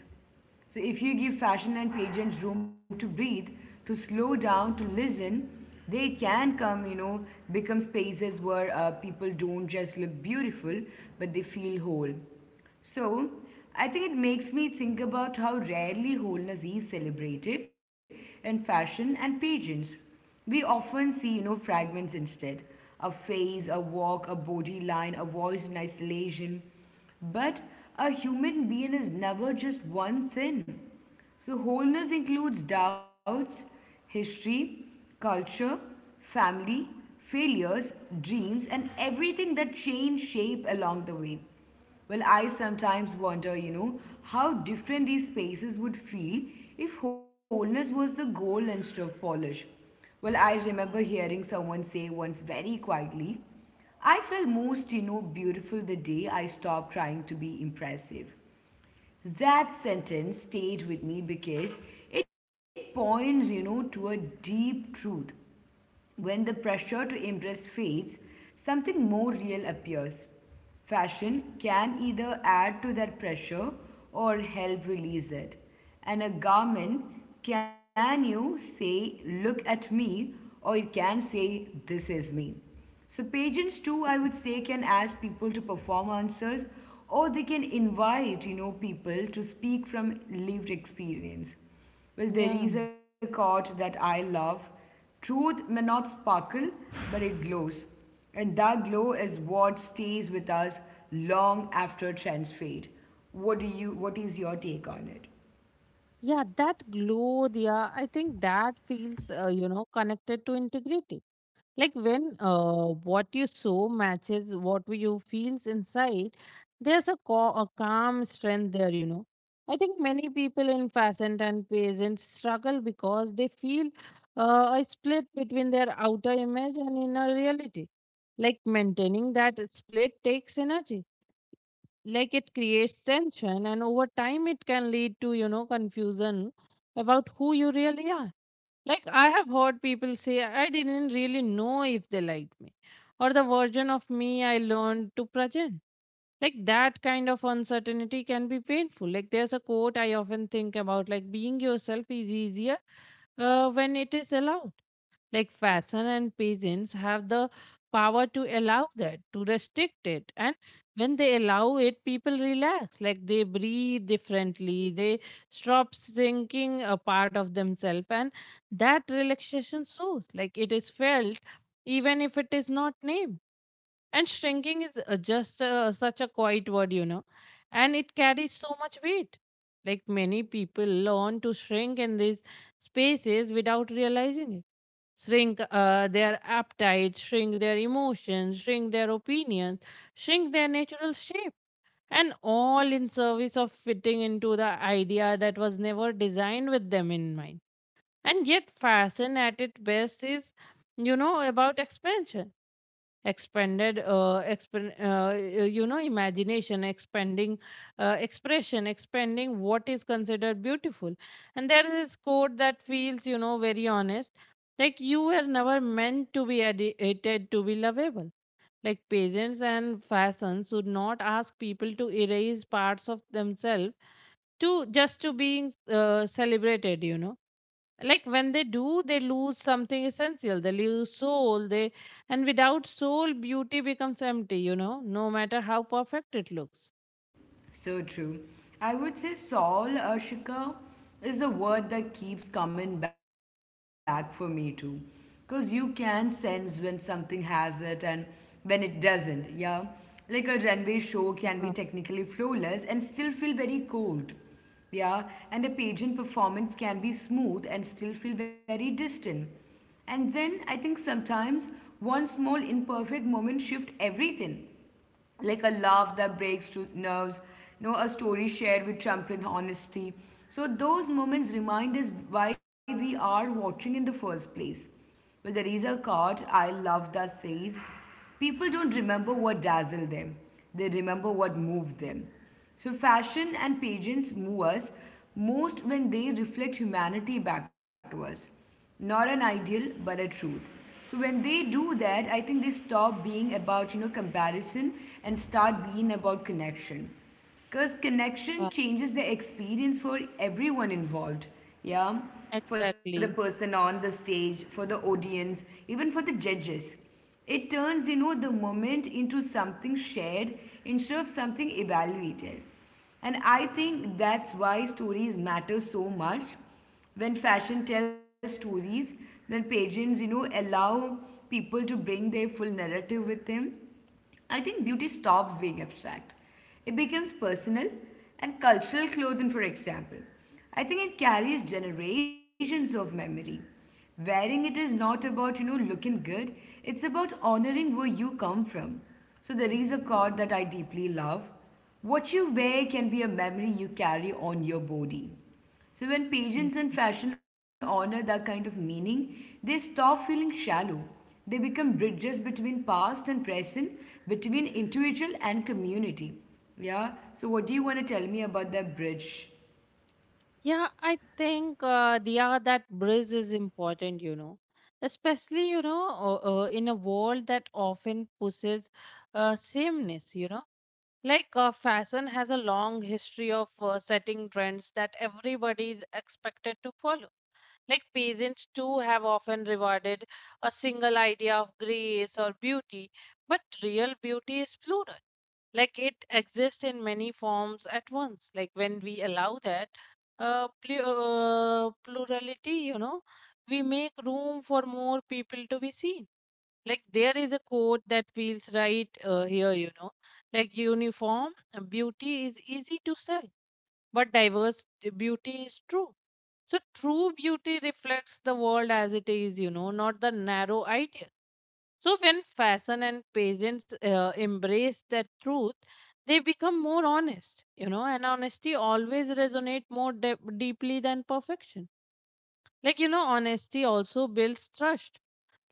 Speaker 2: So if you give fashion and pageants room to breathe, to slow down, to listen, they can come, you know, become spaces where people don't just look beautiful, but they feel whole. So I think it makes me think about how rarely wholeness is celebrated in fashion and pageants. We often see, you know, fragments instead: a face, a walk, a body line, a voice in isolation. But a human being is never just one thing. So wholeness includes doubts, history, culture, family, failures, dreams, and everything that change shape along the way. Well, I sometimes wonder, you know, how different these spaces would feel if wholeness was the goal instead of polish. Well, I remember hearing someone say once very quietly, I felt most, you know, beautiful the day I stopped trying to be impressive. That sentence stayed with me because it points, you know, to a deep truth. When the pressure to impress fades, something more real appears. Fashion can either add to that pressure or help release it. And a garment can you say, look at me, or it can say, this is me. So pageants too, I would say, can ask people to perform answers, or they can invite, you know, people to speak from lived experience. Well, there
Speaker 1: Yeah.
Speaker 2: is a quote that I love: truth may not sparkle, but it glows. And that glow is what stays with us long after trends fade. What do you what is your take on it?
Speaker 1: Yeah, that glow, yeah, I think that feels, you know, connected to integrity. Like when what you sow matches what you feels inside, there's a calm strength there, you know. I think many people in peasant and peasant struggle because they feel a split between their outer image and inner reality. Like maintaining that split takes energy. Like it creates tension, and over time it can lead to, you know, confusion about who you really are. Like I have heard people say I didn't really know if they liked me or the version of me I learned to present. Like that kind of uncertainty can be painful. Like there's a quote I often think about, like being yourself is easier when it is allowed. Like fashion and peasants have the power to allow that, to restrict it, and when they allow it people relax. Like they breathe differently, they stop thinking a part of themselves, and that relaxation shows. Like it is felt even if it is not named. And shrinking is just such a quiet word, you know, and it carries so much weight. Like many people learn to shrink in these spaces without realizing it. Shrink their appetite, shrink their emotions, shrink their opinions, shrink their natural shape, and all in service of fitting into the idea that was never designed with them in mind. And yet, fashion at its best is, you know, about expansion. Expanded expand, you know, imagination, expanding expression, expanding what is considered beautiful. And there is this quote that feels, you know, very honest, like you were never meant to be edited to be lovable. Like pageants and fashions should not ask people to erase parts of themselves to just to being celebrated, you know. Like when they do, they lose something essential. They lose soul, they, and without soul beauty becomes empty, you know, no matter how perfect it looks.
Speaker 2: So true. I would say Saul Ashika is the word that keeps coming back for me too. Because you can sense when something has it and when it doesn't, yeah? Like a runway show can be technically
Speaker 1: Yeah,
Speaker 2: flawless and still feel very cold, yeah? And a pageant performance can be smooth and still feel very distant. And then I think sometimes one small imperfect moment shifts everything, like a laugh that breaks through nerves, you know, a story shared with trumpet honesty. So those moments remind us why we are watching in the first place. Well, there is a quote I love that says, people don't remember what dazzled them; they remember what moved them. So fashion and pageants move us most when they reflect humanity back to us, not an ideal but a truth. So when they do that, I think they stop being about, comparison and start being about connection, because
Speaker 1: yeah,
Speaker 2: connection changes the experience for everyone involved. Yeah, for the
Speaker 1: exactly.
Speaker 2: person on the stage, for the audience, even for the judges. It turns, the moment into something shared instead of something evaluated. And I think that's why stories matter so much. When fashion tells stories, when pageants, allow people to bring their full narrative with them, I think beauty stops being abstract. It becomes personal. And cultural clothing, for example, I think it carries generations of memory. Wearing it is not about, looking good, it's about honoring where you come from. So there is a quote that I deeply love. What you wear can be a memory you carry on your body. So when
Speaker 1: Mm.
Speaker 2: pageants and fashion honor that kind of meaning, they stop feeling shallow. They become bridges between past and present, between individual and community. Yeah. So what do you want to tell me about that bridge?
Speaker 1: Yeah, I think yeah, that bridge is important, you know, especially, you know, in a world that often pushes sameness, you know. Like fashion has a long history of setting trends that everybody is expected to follow. Like peasants too have often rewarded a single idea of grace or beauty, but real beauty is plural. Like it exists in many forms at once. Like when we allow that plurality, you know, we make room for more people to be seen. Like there is a quote that feels right here, you know, like uniform beauty is easy to sell but diverse beauty is true. So true beauty reflects the world as it is, you know, not the narrow idea. So when fashion and peasants embrace that truth, they become more honest, you know, and honesty always resonate more deeply than perfection. Like, you know, honesty also builds trust.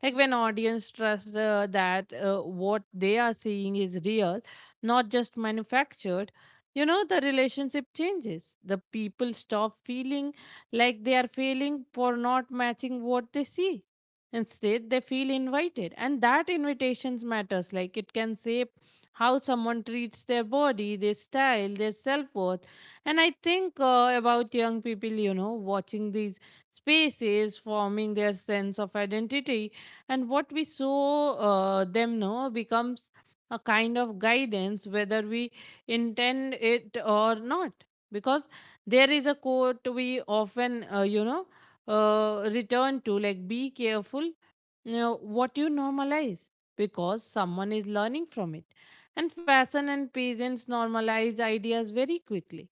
Speaker 1: Like when audience trusts that what they are seeing is real, not just manufactured, you know, the relationship changes. The people stop feeling like they are failing for not matching what they see. Instead they feel invited, and that invitations matters. Like it can shape how someone treats their body, their style, their self-worth. And I think about young people, you know, watching these spaces, forming their sense of identity, and what we saw them know becomes a kind of guidance whether we intend it or not. Because there is a quote we often you know, return to, like be careful, you know, what you normalize because someone is learning from it. And fashion and peasants normalize ideas very quickly,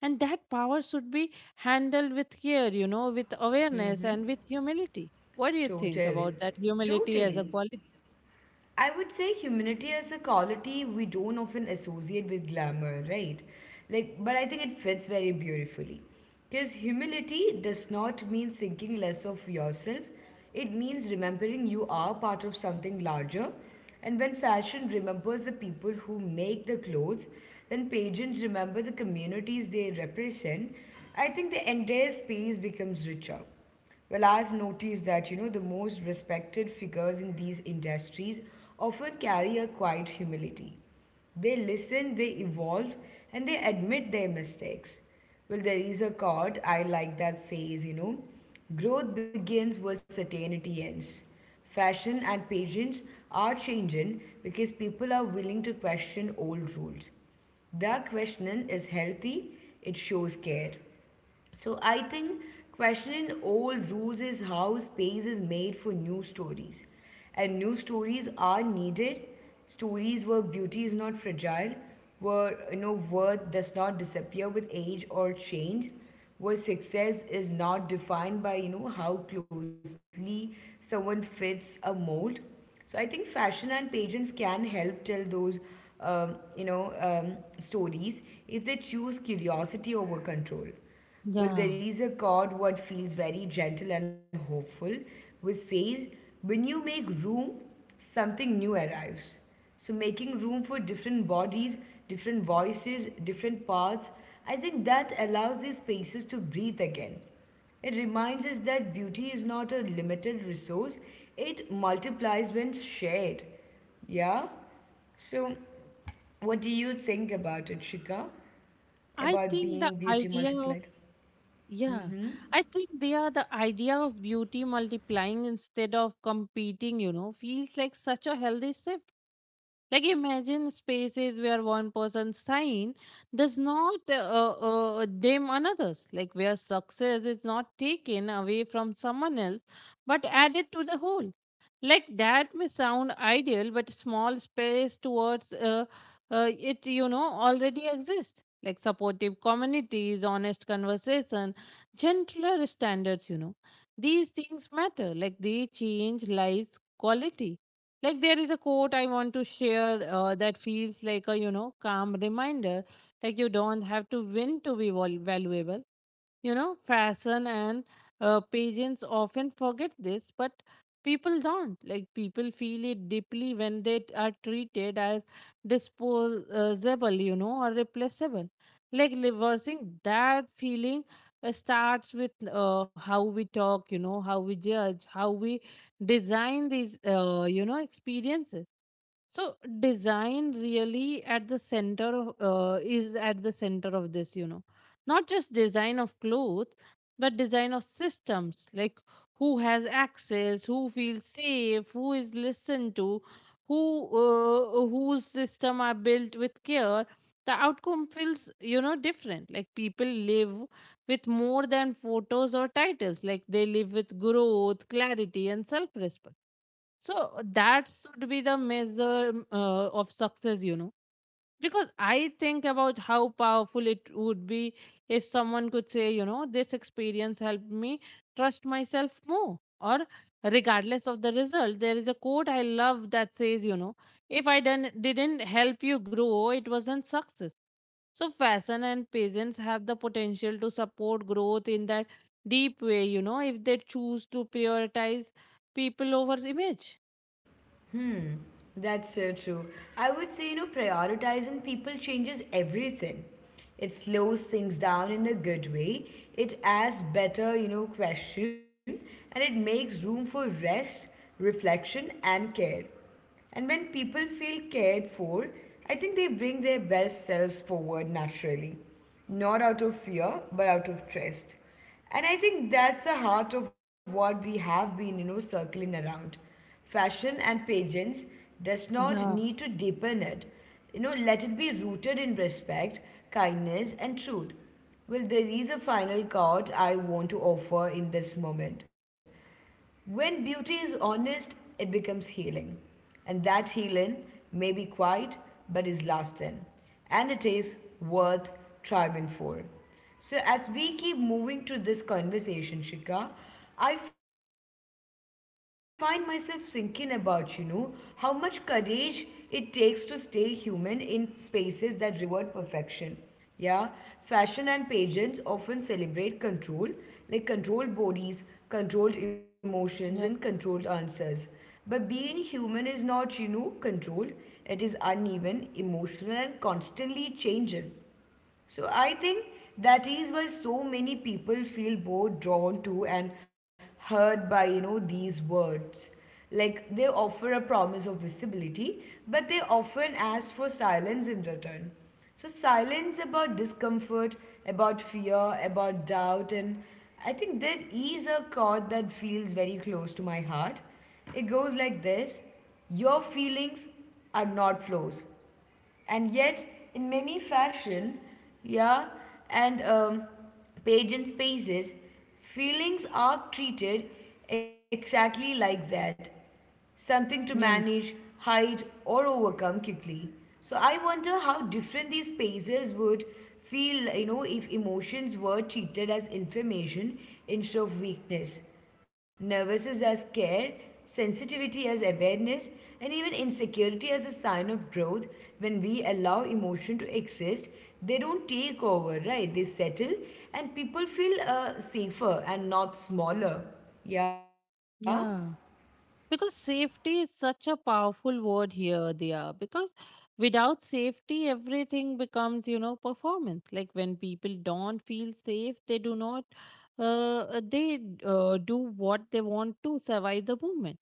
Speaker 1: and that power should be handled with care, you know, with awareness and with humility. What do you think about
Speaker 2: Totally.
Speaker 1: that humility as a
Speaker 2: Totally.
Speaker 1: quality?
Speaker 2: I would say humility is a quality we don't often associate with glamour, right? Like, but I think it fits very beautifully. Because humility does not mean thinking less of yourself, it means remembering you are part of something larger. And when fashion remembers the people who make the clothes, then pageants remember the communities they represent, I think the entire space becomes richer. Well, I've noticed that, the most respected figures in these industries often carry a quiet humility. They listen, they evolve, and they admit their mistakes. Well, there is a quote I like that says, growth begins where certainty ends. Fashion and patience are changing because people are willing to question old rules. That questioning is healthy, it shows care. So I think questioning old rules is how space is made for new stories. And new stories are needed. Stories where beauty is not fragile, where you know worth does not disappear with age or change, where success is not defined by you know how closely someone fits a mold. So I think fashion and pageants can help tell those, stories if they choose curiosity over control. Well, there
Speaker 1: Yeah.
Speaker 2: is a chord what feels very gentle and hopeful, which says, when you make room, something new arrives. So, making room for different bodies, different voices, different paths, I think that allows these spaces to breathe again. It reminds us that beauty is not a limited resource, it multiplies when shared. Yeah? So, what do you think about it, Shika?
Speaker 1: I
Speaker 2: About
Speaker 1: think the
Speaker 2: being beauty
Speaker 1: idea of,
Speaker 2: multiplied?
Speaker 1: yeah, I think they are the idea of beauty multiplying instead of competing, you know, feels like such a healthy shift. Like imagine spaces where one person's sign does not dim another's, like where success is not taken away from someone else but added to the whole. Like that may sound ideal, but small space towards it, you know, already exists. Like supportive communities, honest conversation, gentler standards, you know. These things matter. Like they change lives' quality. Like there is a quote I want to share that feels like a, you know, calm reminder, like you don't have to win to be valuable, you know. Fashion and pageants often forget this, but people don't. Like people feel it deeply when they are treated as disposable, you know, or replaceable. Like reversing that feeling starts with how we talk, you know, how we judge, how we design these, you know, experiences. So design really at the center of is at the center of this, you know, not just design of clothes but design of systems. Like who has access, who feels safe, who is listened to, who whose system are built with care, the outcome feels, you know, different. Like people live with more than photos or titles. Like they live with growth, clarity and self. So that should be the measure of success, you know. Because I think about how powerful it would be if someone could say, you know, this experience helped me trust myself more. Or regardless of the result, there is a quote I love that says, you know, if I didn't help you grow, it wasn't success. So fashion and patience have the potential to support growth in that deep way, you know, if they choose to prioritize people over image.
Speaker 2: That's so true. I would say, prioritizing people changes everything. It slows things down in a good way. It asks better, question, and it makes room for rest, reflection and care. And when people feel cared for, I think they bring their best selves forward naturally. Not out of fear, but out of trust. And I think that's the heart of what we have been, circling around. Fashion and pageants does not
Speaker 1: Yeah.
Speaker 2: need to deepen it. You know, let it be rooted in respect, kindness, and truth. Well, there is a final card I want to offer in this moment. When beauty is honest, it becomes healing. And that healing may be quiet but is lasting. And it is worth striving for. So, as we keep moving to this conversation, Shikha, I find myself thinking about, how much courage it takes to stay human in spaces that reward perfection. Yeah, fashion and pageants often celebrate control, like controlled bodies, controlled emotions, and
Speaker 1: Yeah,
Speaker 2: controlled answers. But being human is not, controlled. It is uneven, emotional, and constantly changing. So I think that is why so many people feel both drawn to and hurt by you know these words. Like they offer a promise of visibility, but they often ask for silence in return. So silence about discomfort, about fear, about doubt. And I think there is a chord that feels very close to my heart. It goes like this: your feelings are not flaws, and yet in many fashion, yeah, and pageant spaces, feelings are treated exactly like that, something to
Speaker 1: yeah,
Speaker 2: manage, hide or overcome quickly. So I wonder how different these spaces would feel, you know, if emotions were treated as information instead of weakness. Nervousness as care, sensitivity as awareness, and even insecurity as a sign of growth. When we allow emotion to exist, they don't take over, right? They settle, and people feel safer and not smaller. Yeah,
Speaker 1: yeah. Because safety is such a powerful word here, Diya. Because without safety, everything becomes, you know, performance. Like when people don't feel safe, they do not, uh, they do what they want to survive the movement.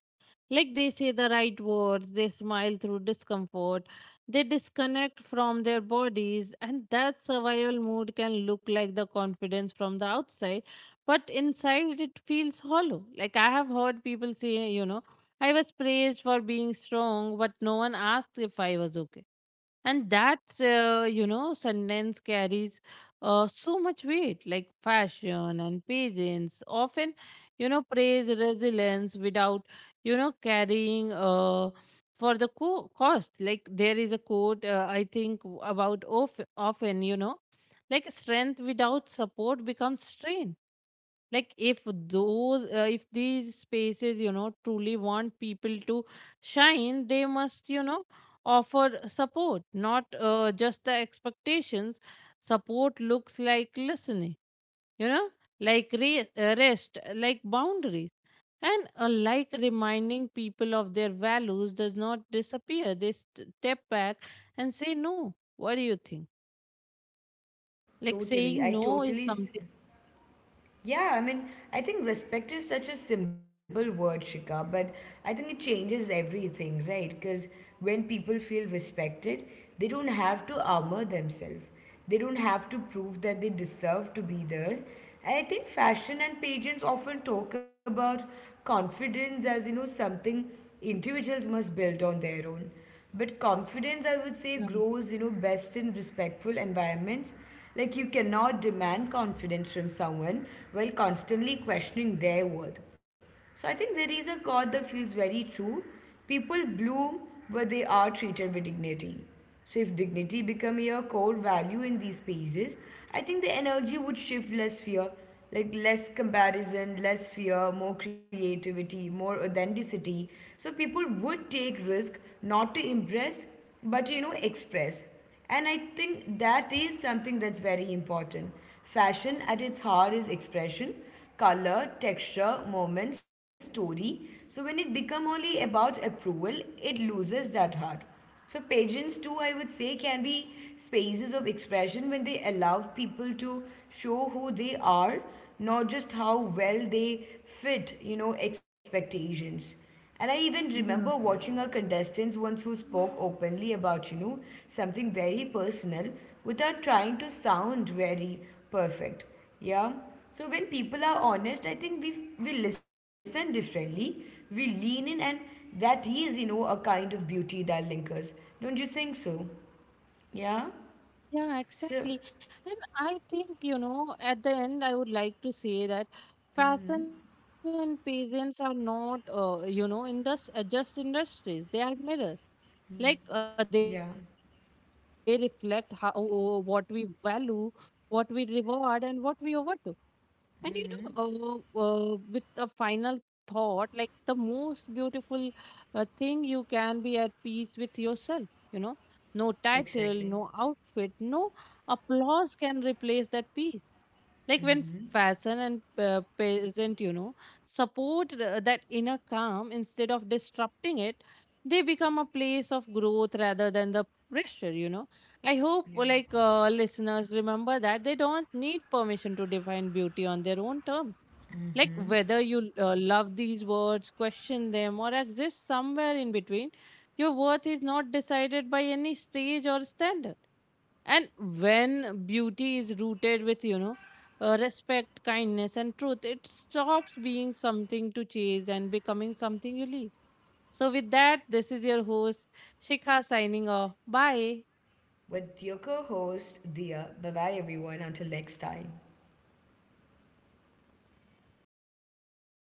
Speaker 1: Like they say the right words, they smile through discomfort, they disconnect from their bodies, and that survival mood can look like the confidence from the outside, but inside it feels hollow. Like I have heard people say, you know, I was praised for being strong, but no one asked if I was okay. And that, you know, sentence carries so much weight. Like fashion and patience often, you know, praise resilience without, you know, carrying for the cost. Like there is a quote, I think about often, you know, like strength without support becomes strain. Like if those if these spaces, you know, truly want people to shine, they must, you know, offer support, not just the expectations. Support looks like listening, you know, like rest, like boundaries, and like reminding people of their values does not disappear. They step back and say no. What do you think? Like
Speaker 2: totally.
Speaker 1: saying no is something.
Speaker 2: Yeah, I mean, I think respect is such a simple word, Shika, but I think it changes everything, right? Because when people feel respected, they don't have to armor themselves. They don't have to prove that they deserve to be there. And I think fashion and pageants often talk about confidence as, something individuals must build on their own. But confidence, I would say, grows, best in respectful environments. Like, you cannot demand confidence from someone while constantly questioning their worth. So, I think there is a quote that feels very true. People bloom where they are treated with dignity. So, if dignity become your core value in these spaces, I think the energy would shift less fear, like less comparison, less fear, more creativity, more authenticity. So, people would take risk not to impress, but express. And I think that is something that's very important. Fashion at its heart is expression, color, texture, moment, story. So when it become only about approval, it loses that heart. So pageants too, I would say, can be spaces of expression when they allow people to show who they are, not just how well they fit, expectations. And I even remember watching a contestant once who spoke openly about, something very personal without trying to sound very perfect. Yeah. So when people are honest, I think we listen differently. We lean in, and that is, a kind of beauty that lingers. Don't you think so? Yeah. So
Speaker 1: Yeah, exactly. And I think, you know, at the end, I would like to say that fashion and peasants are not, you know, just industries. They are mirrors. Like they
Speaker 2: yeah,
Speaker 1: reflect how, what we value, what we reward, and what we overdo. And, you know, with a final thought, like the most beautiful thing, you can be at peace with yourself. You know, no title,
Speaker 2: exactly.
Speaker 1: no outfit, no applause can replace that peace. Like when fashion and peasant, you know, support that inner calm instead of disrupting it, they become a place of growth rather than the pressure, you know. I hope
Speaker 2: Yeah.
Speaker 1: like listeners remember that they don't need permission to define beauty on their own terms. Like whether you love these words, question them or exist somewhere in between, your worth is not decided by any stage or standard. And when beauty is rooted with, you know, respect, kindness, and truth, it stops being something to chase and becoming something you leave. So, with that, this is your host, Shikha, signing off. Bye.
Speaker 2: With your co-host Dia. Bye bye everyone. Until next time.